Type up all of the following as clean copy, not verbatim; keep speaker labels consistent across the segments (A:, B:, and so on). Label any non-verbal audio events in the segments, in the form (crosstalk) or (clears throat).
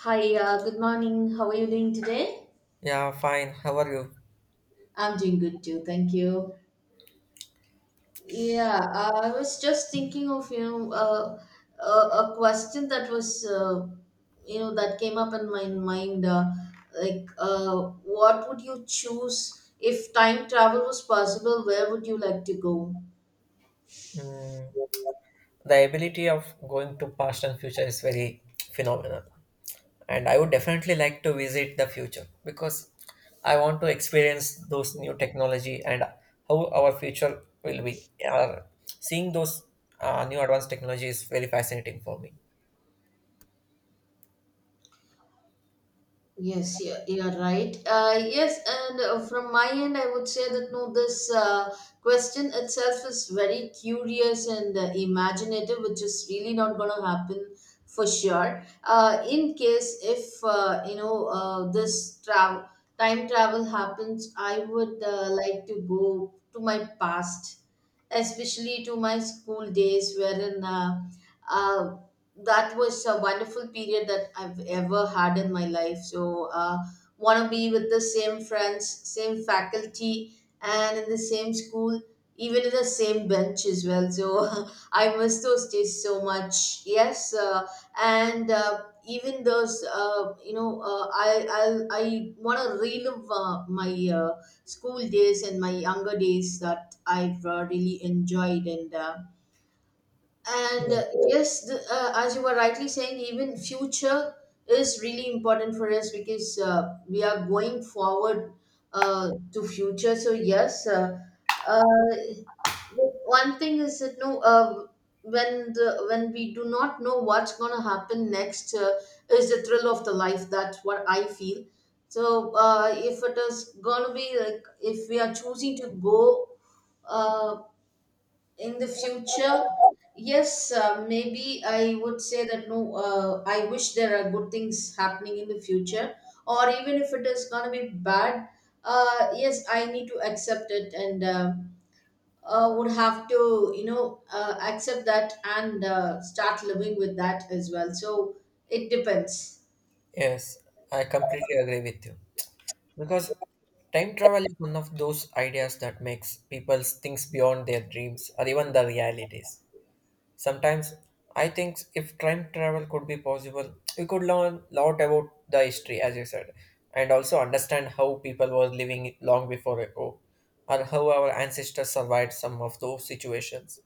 A: Hi, good morning. How are you doing today?
B: Yeah, fine. How are you?
A: I'm doing good too, thank you. Yeah, I was just thinking of, a, a question that was, that came up in my mind. Like, what would you choose if time travel was possible? Where would you like to go?
B: Mm, the ability of going to past and future is very phenomenal. And I would definitely like to visit the future because I want to experience those new technology and how our future will be. Seeing those new advanced technology is very fascinating for me.
A: Yes, yeah, you're right. Yes, and from my end, I would say that no, this question itself is very curious and imaginative, which is really not going to happen for sure. In case if this travel time travel happens, I would like to go to my past, especially to my school days, wherein uh, that was a wonderful period that I've ever had in my life. So, want to be with the same friends, same faculty, and in the same school, even in the same bench as well. So, (laughs) I miss those days so much. Yes, and even those, you know, I want to relive my school days and my younger days that I've really enjoyed, and uh, and
B: Yeah.
A: uh, yes, as you were rightly saying, even future is really important for us because we are going forward to future. So yes, uh, one thing is that no, when we do not know what's going to happen next, is the thrill of the life. That's what I feel. So if it is going to be like if we are choosing to go. Uh, in the future, yes, maybe I would say that no, I wish there are good things happening in the future, or even if it is going to be bad. Yes, I need to accept it, and would have to, accept that, and start living with that as well. So it depends.
B: Yes, I completely agree with you. Because time travel is one of those ideas that makes people think beyond their dreams or even the realities. Sometimes I think if time travel could be possible, we could learn a lot about the history, as you said, and also understand how people were living long before ago, or how our ancestors survived some of those situations.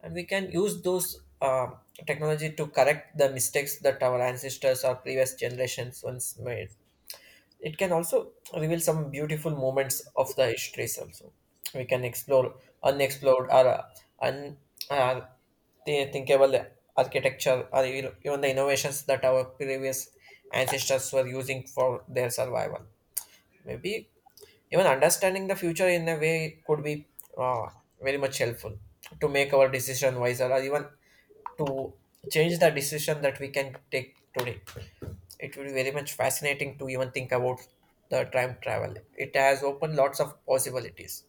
B: And we can use those technology to correct the mistakes that our ancestors or previous generations once made. It can also reveal some beautiful moments of the histories also. We can explore unexplored or un, uh, the thinkable architecture or even the innovations that our previous ancestors were using for their survival. Maybe even understanding the future in a way could be uh, very much helpful to make our decision wiser or even to change the decision that we can take today. It will be very much fascinating to even think about the time travel. It has opened lots of possibilities.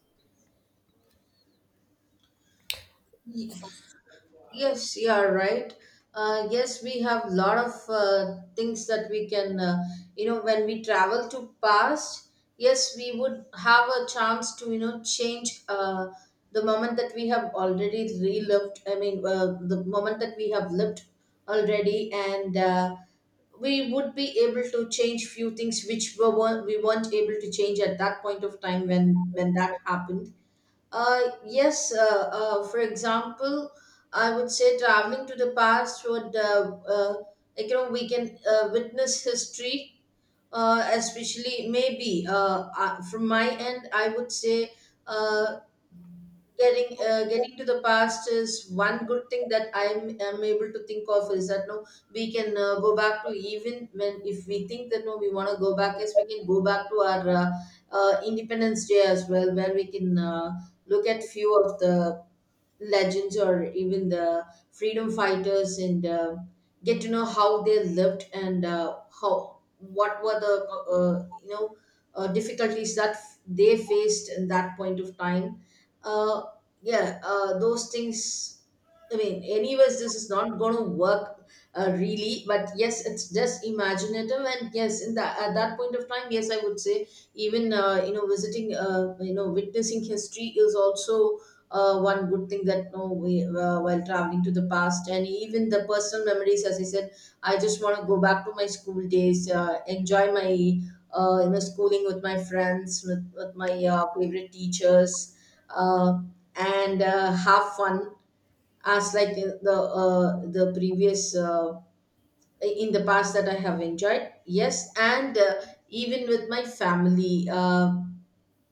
A: Yes, you are right. Yes, we have a lot of things that we can, you know, when we travel to past, yes, we would have a chance to, you know, change the moment that we have already relived. I mean, the moment that we have lived already, and we would be able to change few things which we weren't able to change at that point of time when that happened. Yes, for example, I would say traveling to the past would, like, you know, we can witness history, especially maybe from my end, I would say uh, getting to the past is one good thing that I am able to think of, is that no, we can go back to, even when if we think that no, we want to go back. Yes, we can go back to our Independence Day as well, where we can look at few of the legends or even the freedom fighters, and get to know how they lived, and how what were the difficulties that they faced in that point of time. uh, yeah, those things, I mean, anyways, this is not going to work, really. But yes, it's just imaginative, and yes, in that at that point of time, yes, I would say, even visiting you know witnessing history is also one good thing that no, we while traveling to the past, and even the personal memories, as I said, I just want to go back to my school days, enjoy my you know schooling with my friends, with my favorite teachers, uh, and have fun as like the previous, in the past that I have enjoyed. Yes, and even with my family,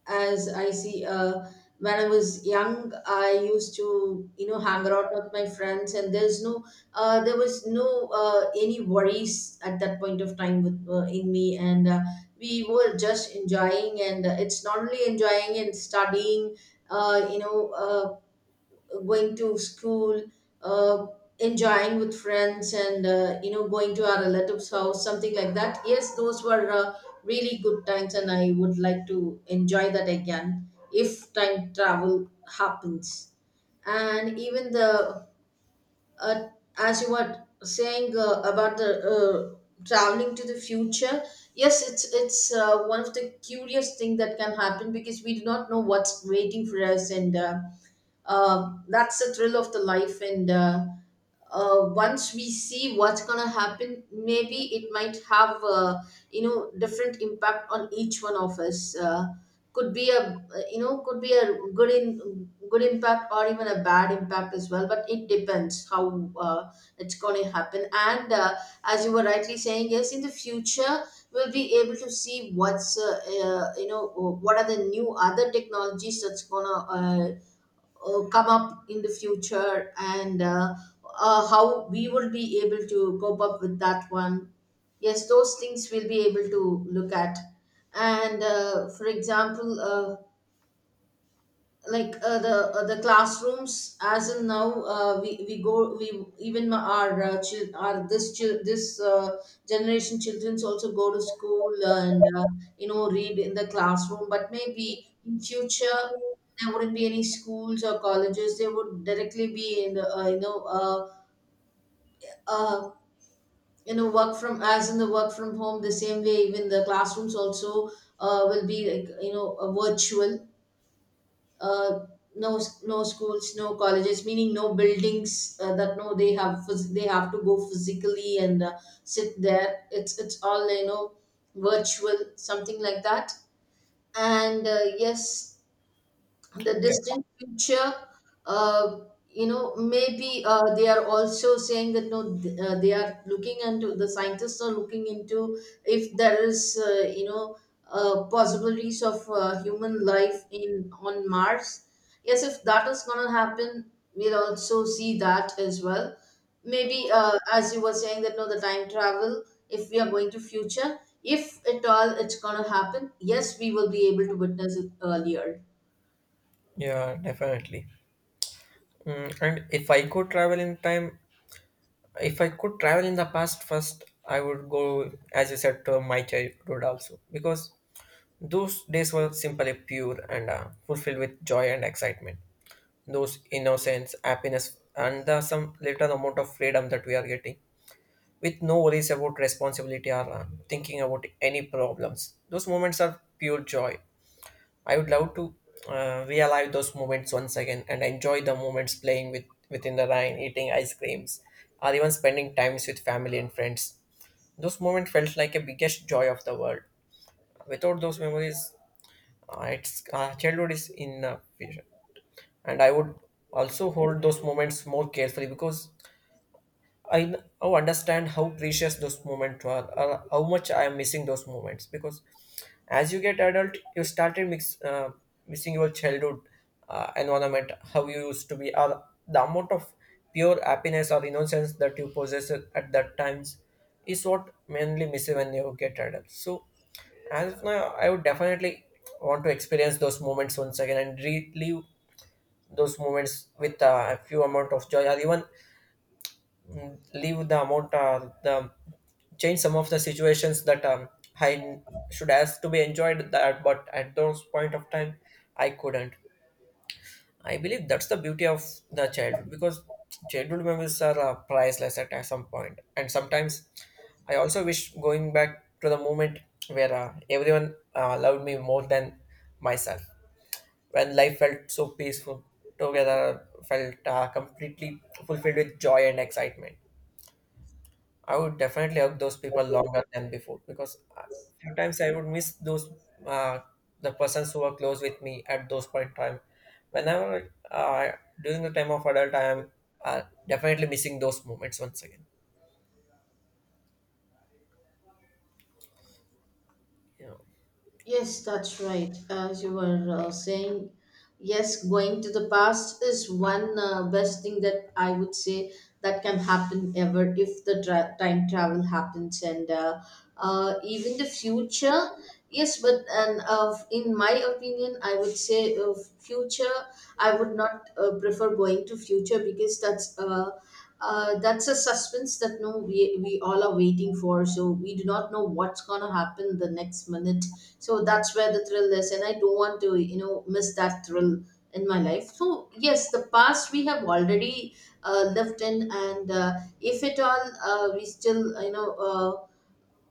A: as I see, when I was young, I used to, you know, hang out with my friends, and there's no there was no any worries at that point of time with in me, and we were just enjoying, and it's not only enjoying and studying. Uh, you know, uh, going to school, uh, enjoying with friends, and you know going to our relatives' house, something like that. Yes, those were really good times, and I would like to enjoy that again if time travel happens. And even the uh, as you were saying about the traveling to the future, yes, it's one of the curious thing that can happen, because we do not know what's waiting for us and. That's the thrill of the life, and once we see what's gonna happen, maybe it might have you know different impact on each one of us, could be a you know could be a good impact or even a bad impact as well, but it depends how it's going to happen, and as you were rightly saying, yes, in the future we'll be able to see what's you know, what are the new other technologies that's going to come up in the future, and how we will be able to cope up with that one. Yes, those things we'll be able to look at, and for example, like the classrooms as in now, we even our chil- our this chil- this generation children's also go to school, and you know read in the classroom, but maybe in future there wouldn't be any schools or colleges, they would directly be in the uh, work from, as in the work from home, the same way even the classrooms also will be like you know virtual. uh, no, no schools, no colleges, meaning no buildings, that no they have they have to go physically, and sit there. It's all, you know, virtual, something like that, and yes, the
B: Yeah,
A: distant future, uh, you know, maybe they are also saying that no they are looking into, the scientists are looking into, if there is you know possibilities of human life in on Mars. Yes, if that is going to happen, we'll also see that as well. Maybe as you were saying that no, the time travel, if we are going to future, if at all it's going to happen, yes, we will be able to witness it earlier.
B: yeah, definitely. Mm, and if I could travel in time, if I could travel in the past first, I would go, as you said, to my childhood also because those days were simply pure and fulfilled with joy and excitement. Those innocence, happiness, and the some little amount of freedom that we are getting with no worries about responsibility or thinking about any problems. Those moments are pure joy. I would love to relive those moments once again and enjoy the moments playing with within the rain, eating ice creams, or even spending times with family and friends. Those moments felt like a biggest joy of the world. Without those memories, it's childhood is in future, and I would also hold those moments more carefully because I now understand how precious those moments were, how much I am missing those moments. Because as you get adult, you started missing your childhood environment, how you used to be, or the amount of pure happiness or innocence that you possessed at that times is what mainly miss when you get adult. So as of now, I would definitely want to experience those moments once again and relive those moments with a few amount of joy or even mm, leave the amount the change some of the situations that I n- should ask to be enjoyed that but at those point of time I couldn't. I believe that's the beauty of the childhood because childhood memories are priceless at some point and sometimes I also wish going back to the moment where everyone loved me more than myself when life felt so peaceful together felt completely fulfilled with joy and excitement. I would definitely hug those people longer than before because a few times I would miss those uh, the persons who were close with me at those point time. Whenever During the time of adult, I am uh, definitely missing those moments once again. You know,
A: Yes, that's right. As you were saying, yes, going to the past is one best thing that I would say that can happen ever if the time travel happens, and even the future. Yes, but and in my opinion, I would say future. I would not prefer going to future because that's. That's a suspense that no, we, we all are waiting for, so we do not know what's going to happen the next minute, so that's where the thrill is, and I don't want to, you know, miss that thrill in my life. So yes, the past we have already lived in, and if at all we still you know uh,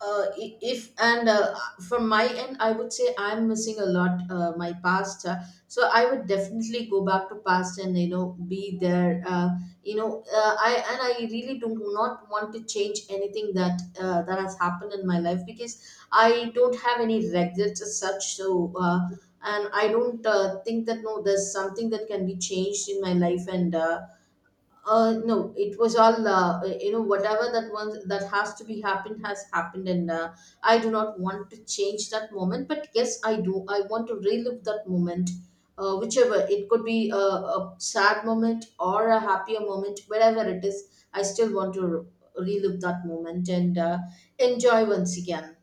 A: uh, i- if and from my end I would say I'm missing a lot, my past. So I would definitely go back to past, and you know be there, I and I really do not want to change anything that that has happened in my life, because I don't have any regrets as such. So uh, and I don't think that no there's something that can be changed in my life, and no, it was all you know. Whatever that once that has to be happened has happened, and I do not want to change that moment. But yes, I do. I want to relive that moment, whichever, it could be a sad moment or a happier moment, whatever it is. I still want to relive that moment and enjoy once again.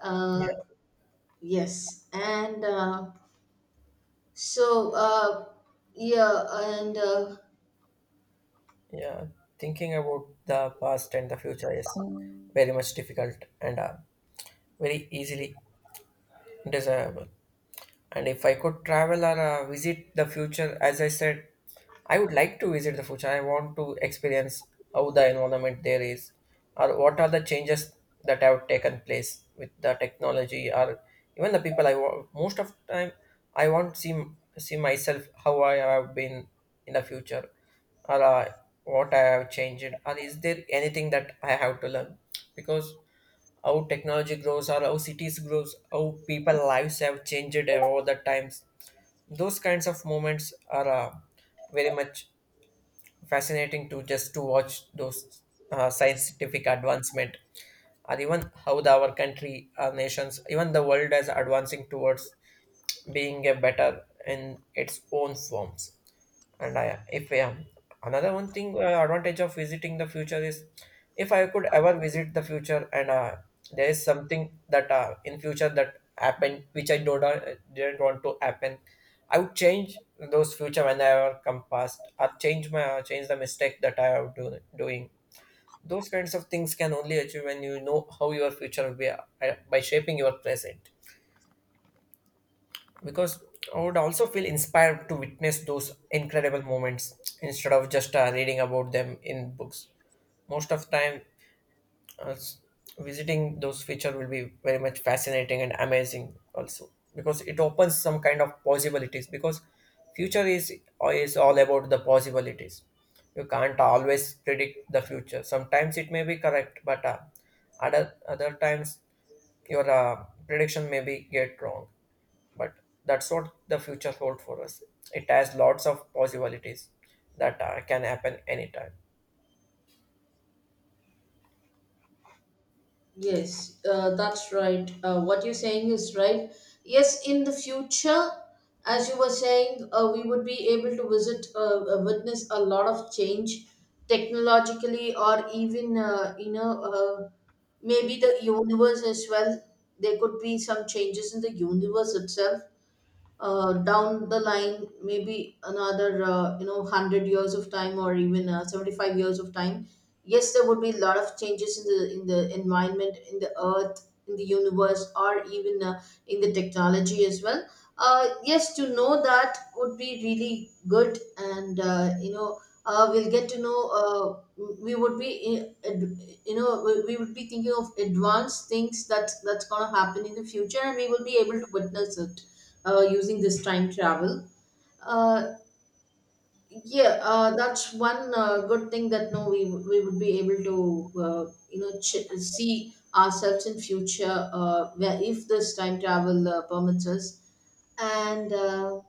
A: Uh,
B: yeah,
A: yes, and so yeah, and.
B: yeah. Thinking about the past and the future is very much difficult and very easily desirable. And if I could travel or visit the future, as I said, I would like to visit the future. I want to experience how the environment there is, or what are the changes that have taken place with the technology, or even the people. Most of time I want to see myself how I have been in the future, or what I have changed, or is there anything that I have to learn? Because how technology grows or how cities grows how people lives have changed over the times, those kinds of moments are very much fascinating to just to watch those scientific advancement or even how the, our country our nations even the world is advancing towards being a better in its own forms. And I, if another one thing, advantage of visiting the future is, if I could ever visit the future, and there is something that in future that happened which I don't didn't want to happen, I would change those future when I ever come past. I change my change the mistake that I am doing. Those kinds of things can only achieve when you know how your future will be by shaping your present because I would also feel inspired to witness those incredible moments instead of just reading about them in books. Most of time, uh, s- visiting those feature will be very much fascinating and amazing also because it opens some kind of possibilities because future is all about the possibilities. You can't always predict the future. Sometimes it may be correct, but other times your prediction may be get wrong, but that's what the future holds for us. It has lots of possibilities that can happen anytime.
A: Yes, that's right. What you're saying is right. Yes, in the future, as you were saying, we would be able to visit, witness a lot of change technologically, or even, you know, maybe the universe as well. There could be some changes in the universe itself down the line, maybe another 100 years of time, or even 75 years of time. Yes, there would be a lot of changes in the environment, in the earth, in the universe, or even in the technology as well. Yes, to know that would be really good. And we'll get to know. We would be in- ad- You know, we would be thinking of advanced things that that's going to happen in the future, and we will be able to witness it using this time travel. Uh, yeah, that's one good thing, that no, we would be able to, see ourselves in future, where if this time travel permits us. And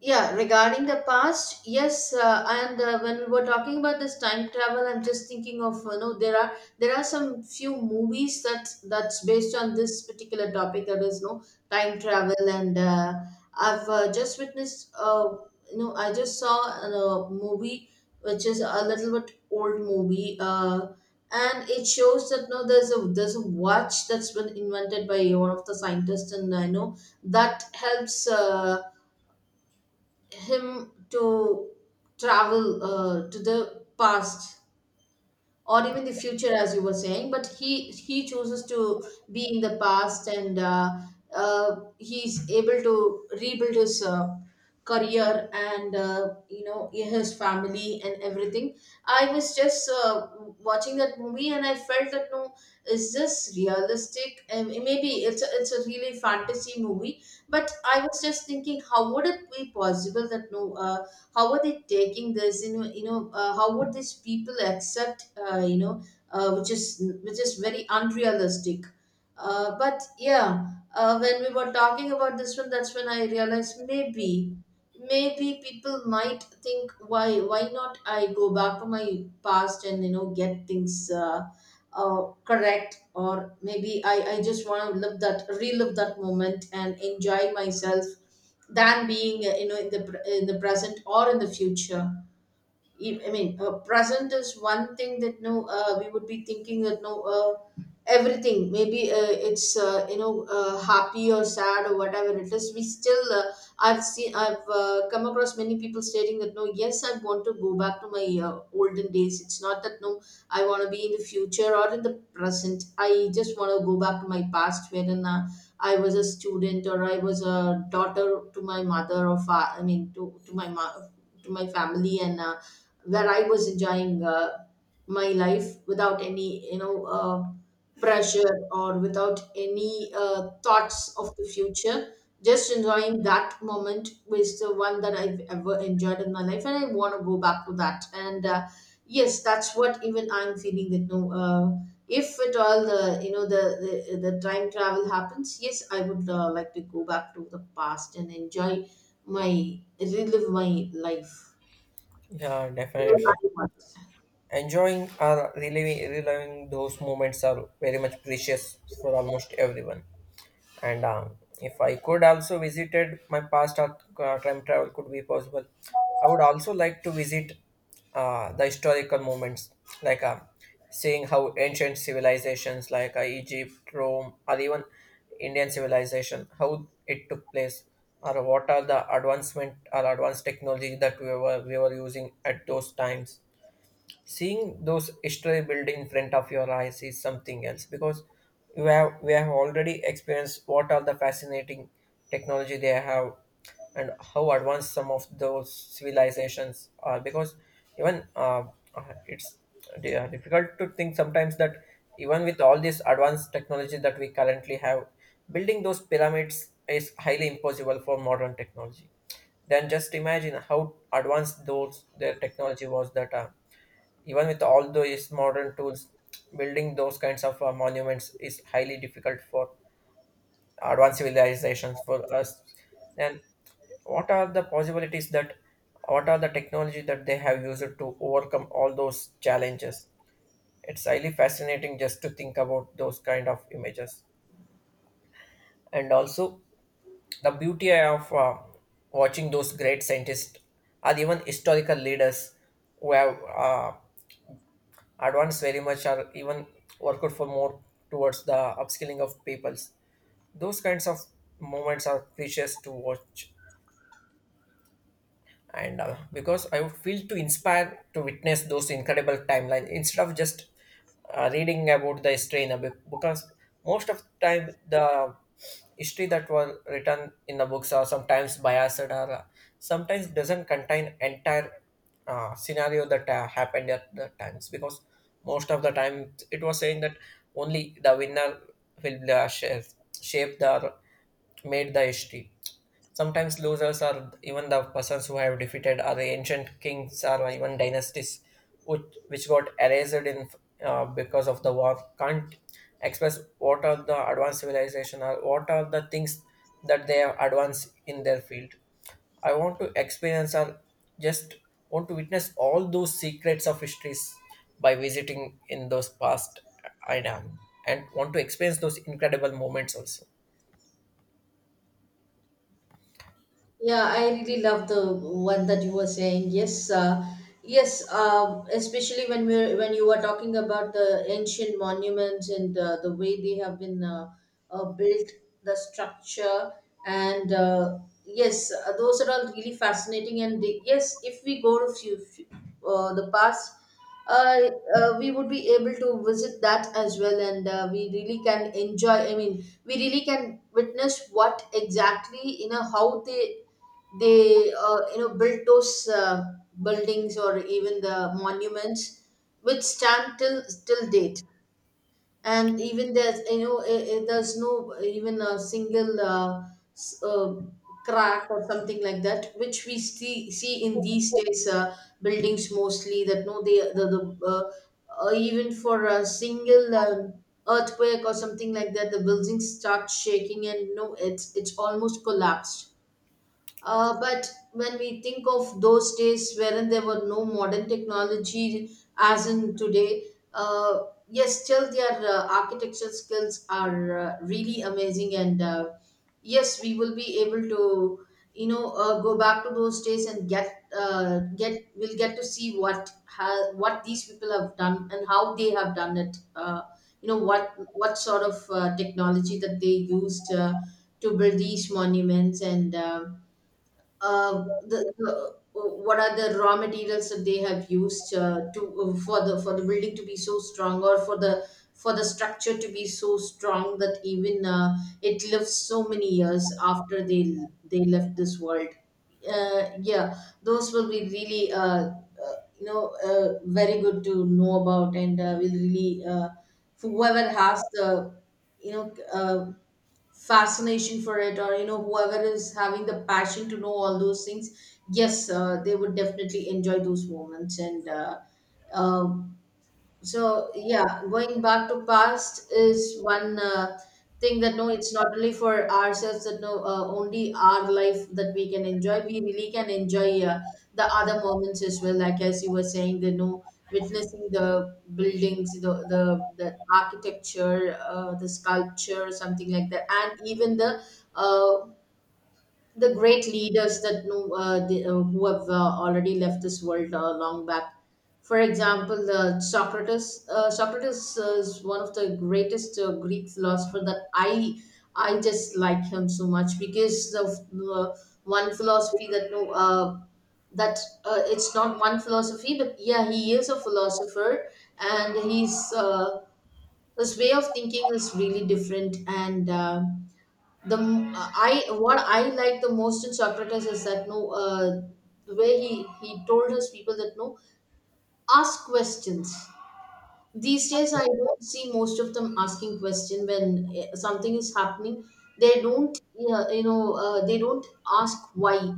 A: yeah, regarding the past, yes, and when we were talking about this time travel, I'm just thinking of, you know, there are some few movies that that's based on this particular topic, that is no time travel. And I've just witnessed, I just saw a movie which is a little bit old movie, and it shows that no, there's a watch that's been invented by one of the scientists, and I know that helps. Him to travel to the past or even the future, as you were saying, but he chooses to be in the past. And he's able to rebuild his career and, you know, his family and everything. I was just watching that movie and I felt that no, is this realistic? Maybe it's a really fantasy movie, but I was just thinking, how would it be possible that no, how are they taking this, you know? How would these people accept, which is very unrealistic. But yeah, when we were talking about this one, that's when I realized, maybe maybe people might think, why not I go back to my past and, you know, get things correct. Or maybe I just want to live that, relive that moment and enjoy myself than being, in in the present or in the future. I mean, present is one thing, that no, we would be thinking that no, everything, maybe it's, happy or sad or whatever it is, we still, I've seen. I've come across many people stating that no, yes, I want to go back to my olden days. It's not that no, I want to be in the future or in the present. I just want to go back to my past, wherein I was a student, or I was a daughter to my mother, or I mean, to my to my family. And where I was enjoying my life without any, pressure, or without any thoughts of the future. Just enjoying that moment was the one that I've ever enjoyed in my life, and I want to go back to that. And yes, that's what even I'm feeling, that no, if at all the, you know, the time travel happens, yes, I would like to go back to the past and enjoy my, relive my life
B: Yeah,
A: the
B: definitely.
A: way I want.
B: Enjoying or reliving those moments are very much precious for almost everyone. And if I could also visited my past, time travel could be possible, I would also like to visit the historical moments like seeing how ancient civilizations like Egypt, Rome, or even Indian civilization how it took place, or what are the advancement or advanced technology that we were using at those times. Seeing those history built in front of your eyes is something else because we have already experienced what are the fascinating technology they have and how advanced some of those civilizations are. Because even uh, it's difficult to think sometimes that even with all this advanced technology that we currently have, building those pyramids is highly impossible for modern technology. Then just imagine how advanced those their technology was that even with all those modern tools, building those kinds of monuments is highly difficult for advanced civilizations for us. Then, what are the possibilities that, what are the technology that they have used to overcome all those challenges? It's highly fascinating just to think about those kind of images, and also the beauty of watching those great scientists or even historical leaders who have advanced very much or even worked for more towards the upskilling of peoples. Those kinds of moments are precious to watch, and because I feel to inspire to witness those incredible timelines instead of just reading about the history in a book. Because most of the time the history that was written in the books are sometimes biased or sometimes doesn't contain entire scenario that happened at the times. Because most of the time it was saying that only the winner will shape the made the history. Sometimes losers are even the persons who have defeated are the ancient kings or even dynasties which got erased in because of the war. Can't express what are the advanced civilization or what are the things that they have advanced in their field. I want to experience or just want to witness all those secrets of histories by visiting in those past I am and want to experience those incredible moments also.
A: Yeah, I really love the one that you were saying. Yes, yes, Especially when we're when you were talking about the ancient monuments and the way they have been built, the structure, and yes, those are all really fascinating. And they, yes, if we go to few, the past, uh, we would be able to visit that as well, and we really can enjoy. I mean, we really can witness what exactly, you know, how they you know, built those buildings or even the monuments, which stand till date. And even there's, you know, there's no even a single s- uh, crack or something like that, which we see in these days, buildings mostly, that no, they the uh, even for a single earthquake or something like that, the buildings start shaking and no, it's almost collapsed. But when we think of those days, wherein there were no modern technology as in today, uh, yes, still their architecture skills are really amazing. And yes, we will be able to, go back to those days and we'll get to see what what these people have done and how they have done it. What sort of technology that they used to build these monuments. And. The what are the raw materials that they have used to for the building to be so strong, or for the, for the structure to be so strong that even it lives so many years after they left this world. Yeah, those will be really very good to know about, and will really whoever has the, you know uh, fascination for it, or you know, whoever is having the passion to know all those things, yes, they would definitely enjoy those moments. And uh, so yeah, going back to past is one thing, that no, it's not only for ourselves, that no, only our life that we can enjoy. We really can enjoy the other moments as well. Like, as you were saying, the no, witnessing the buildings, the the architecture, the sculpture, something like that, and even uh, the great leaders, that know, who have already left this world long back. For example, Socrates. Socrates is one of the greatest Greek philosopher, that I just like him so much because of uh, one philosophy, that that it's not one philosophy, but yeah, he is a philosopher, and he's his way of thinking is really different. I, what I like the most in Socrates is that no, the way he told his people, that no, ask questions. These days I don't see most of them asking question when, something is happening. They don't, yeah, you know, they don't ask why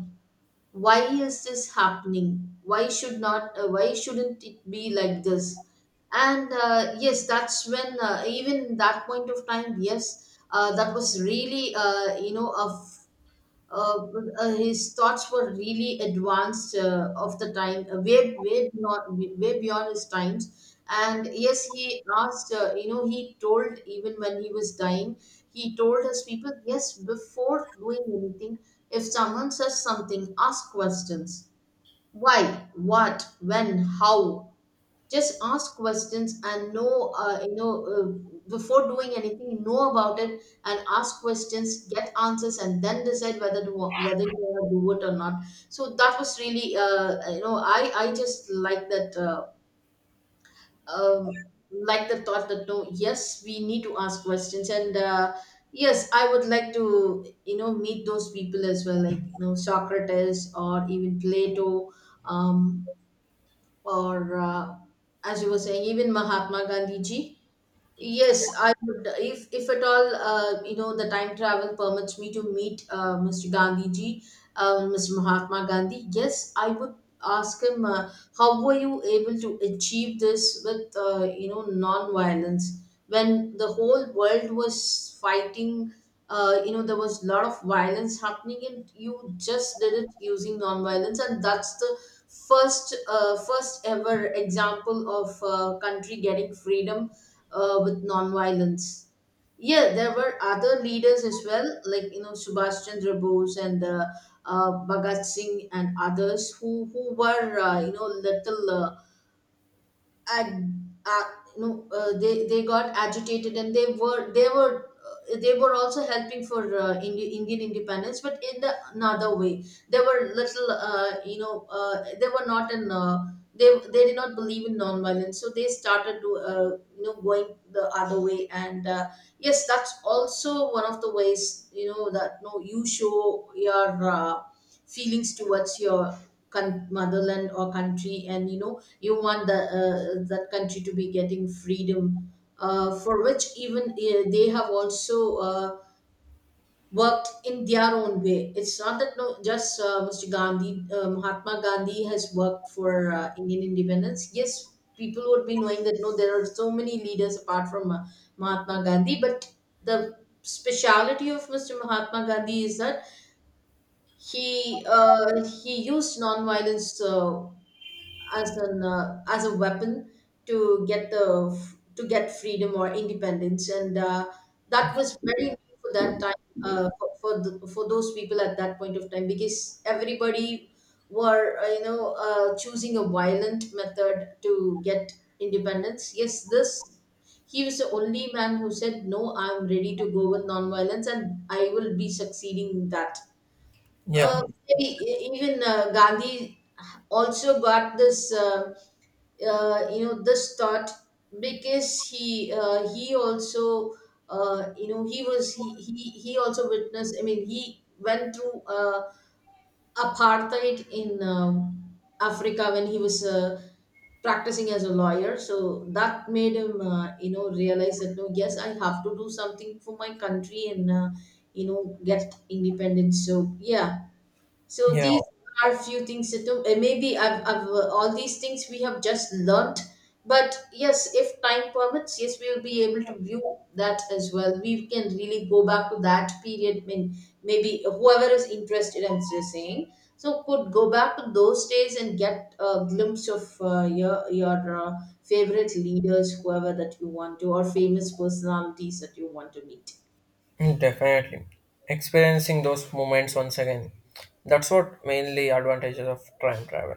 A: why is this happening? Why should not, why shouldn't it be like this? And yes, that's when, even that point of time, yes, that was really, you know, a uh, his thoughts were really advanced of the time, way beyond, way beyond his times. And yes, he asked. He told even when he was dying, he told his people, yes, before doing anything, if someone says something, ask questions. Why? What? When? How? Just ask questions and know, before doing anything, know about it and ask questions, get answers, and then decide whether to whether you want to do it or not. So that was really, I just like that. Um, like the thought that no, yes, we need to ask questions. And yes, I would like to, you know, meet those people as well, like, you know, Socrates, or even Plato, um, or as you were saying, even Mahatma Gandhi ji. Yes, I would. If at all, the time travel permits me to meet Mr. Gandhi ji, Mr. Mahatma Gandhi. Yes, I would ask him, how were you able to achieve this with, non-violence, when the whole world was fighting? There was a lot of violence happening, and you just did it using non-violence, and that's the first, first ever example of country getting freedom with nonviolence. Yeah, there were other leaders as well, like, you know, Subhash Chandra Bose, and Bhagat Singh, and others, who were, little. Ag, uh, they got agitated, and they were also helping for Indian independence, but in the another way. They were little, they were not in. They did not believe in non-violence, so they started to, going the other way. And yes, that's also one of the ways, you know, that no, you show your feelings towards your motherland or country, and, you know, you want the that country to be getting freedom, for which even they have also worked in their own way. It's not that no, just Mr. Gandhi, Mahatma Gandhi, has worked for Indian independence. Yes, people would be knowing that no, there are so many leaders apart from Mahatma Gandhi. But the speciality of Mr. Mahatma Gandhi is that he, he used non-violence as a weapon to get the to get freedom or independence. And that was very new for that time, for those people at that point of time, because everybody were, choosing a violent method to get independence. Yes, this, he was the only man who said no, I'm ready to go with nonviolence, and I will be succeeding in that. Uh,
B: Yeah,
A: e- even Gandhi also got this, this thought, because he also, he was he also witnessed. I mean, he went through apartheid in Africa, when he was practicing as a lawyer. So that made him, realize that no, yes, I have to do something for my country and, you know, get independence. So yeah, so
B: yeah.
A: these are few things that, I've all these things we have just learnt. But yes, if time permits, yes, we will be able to view that as well. We can really go back to that period. I mean, maybe whoever is interested, I'm just saying, so could go back to those days and get a glimpse of your favorite leaders, whoever that you want to, or famous personalities that you want to meet.
B: Hmm, definitely. Experiencing those moments once again. That's what mainly advantages of time travel.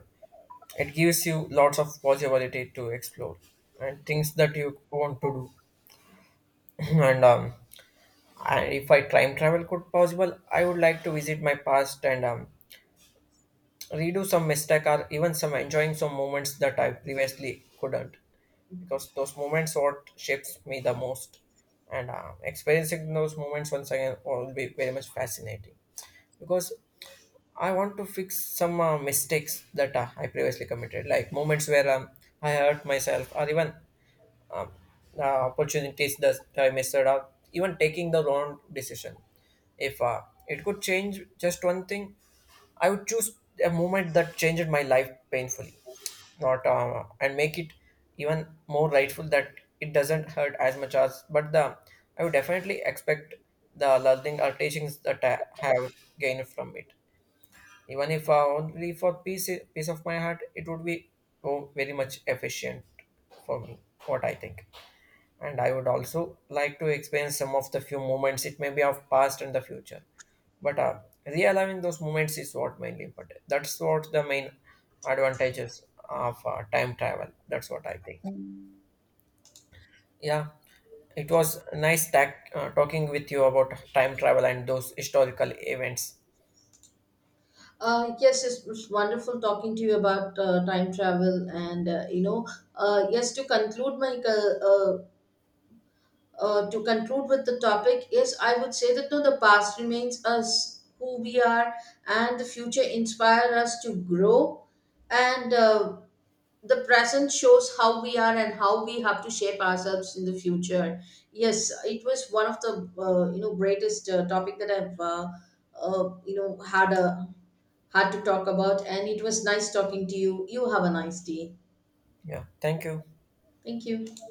B: It gives you lots of possibility to explore and things that you want to do. (laughs) (clears throat) And if I time travel could possible, I would like to visit my past and redo some mistake or even some enjoying some moments that I previously couldn't because those moments what shapes me the most. And experiencing those moments once again will be very much fascinating because I want to fix some mistakes that I previously committed, like moments where I hurt myself, or even opportunities that I missed out, even taking the wrong decision. If it could change just one thing, I would choose a moment that changed my life painfully, not and make it even more rightful that it doesn't hurt as much as. But the I would definitely expect the learning or teachings that I have gained from it. Even if only for peace, peace of my heart, it would be oh, very much efficient for me, what I think. And I would also like to experience some of the few moments, it may be of past and the future. But realigning those moments is what mainly important. That's what the main advantages of time travel. That's what I think. Yeah, it was nice talking with you about time travel and those historical events.
A: Yes, it's wonderful talking to you about time travel, and yes. To conclude, my to conclude with the topic is, I would say that no, the past remains us who we are, and the future inspire us to grow, and the present shows how we are and how we have to shape ourselves in the future. Yes, it was one of the greatest topic that I've, had a hard to talk about, and it was nice talking to you. You have a nice day.
B: Yeah, thank you.
A: Thank you.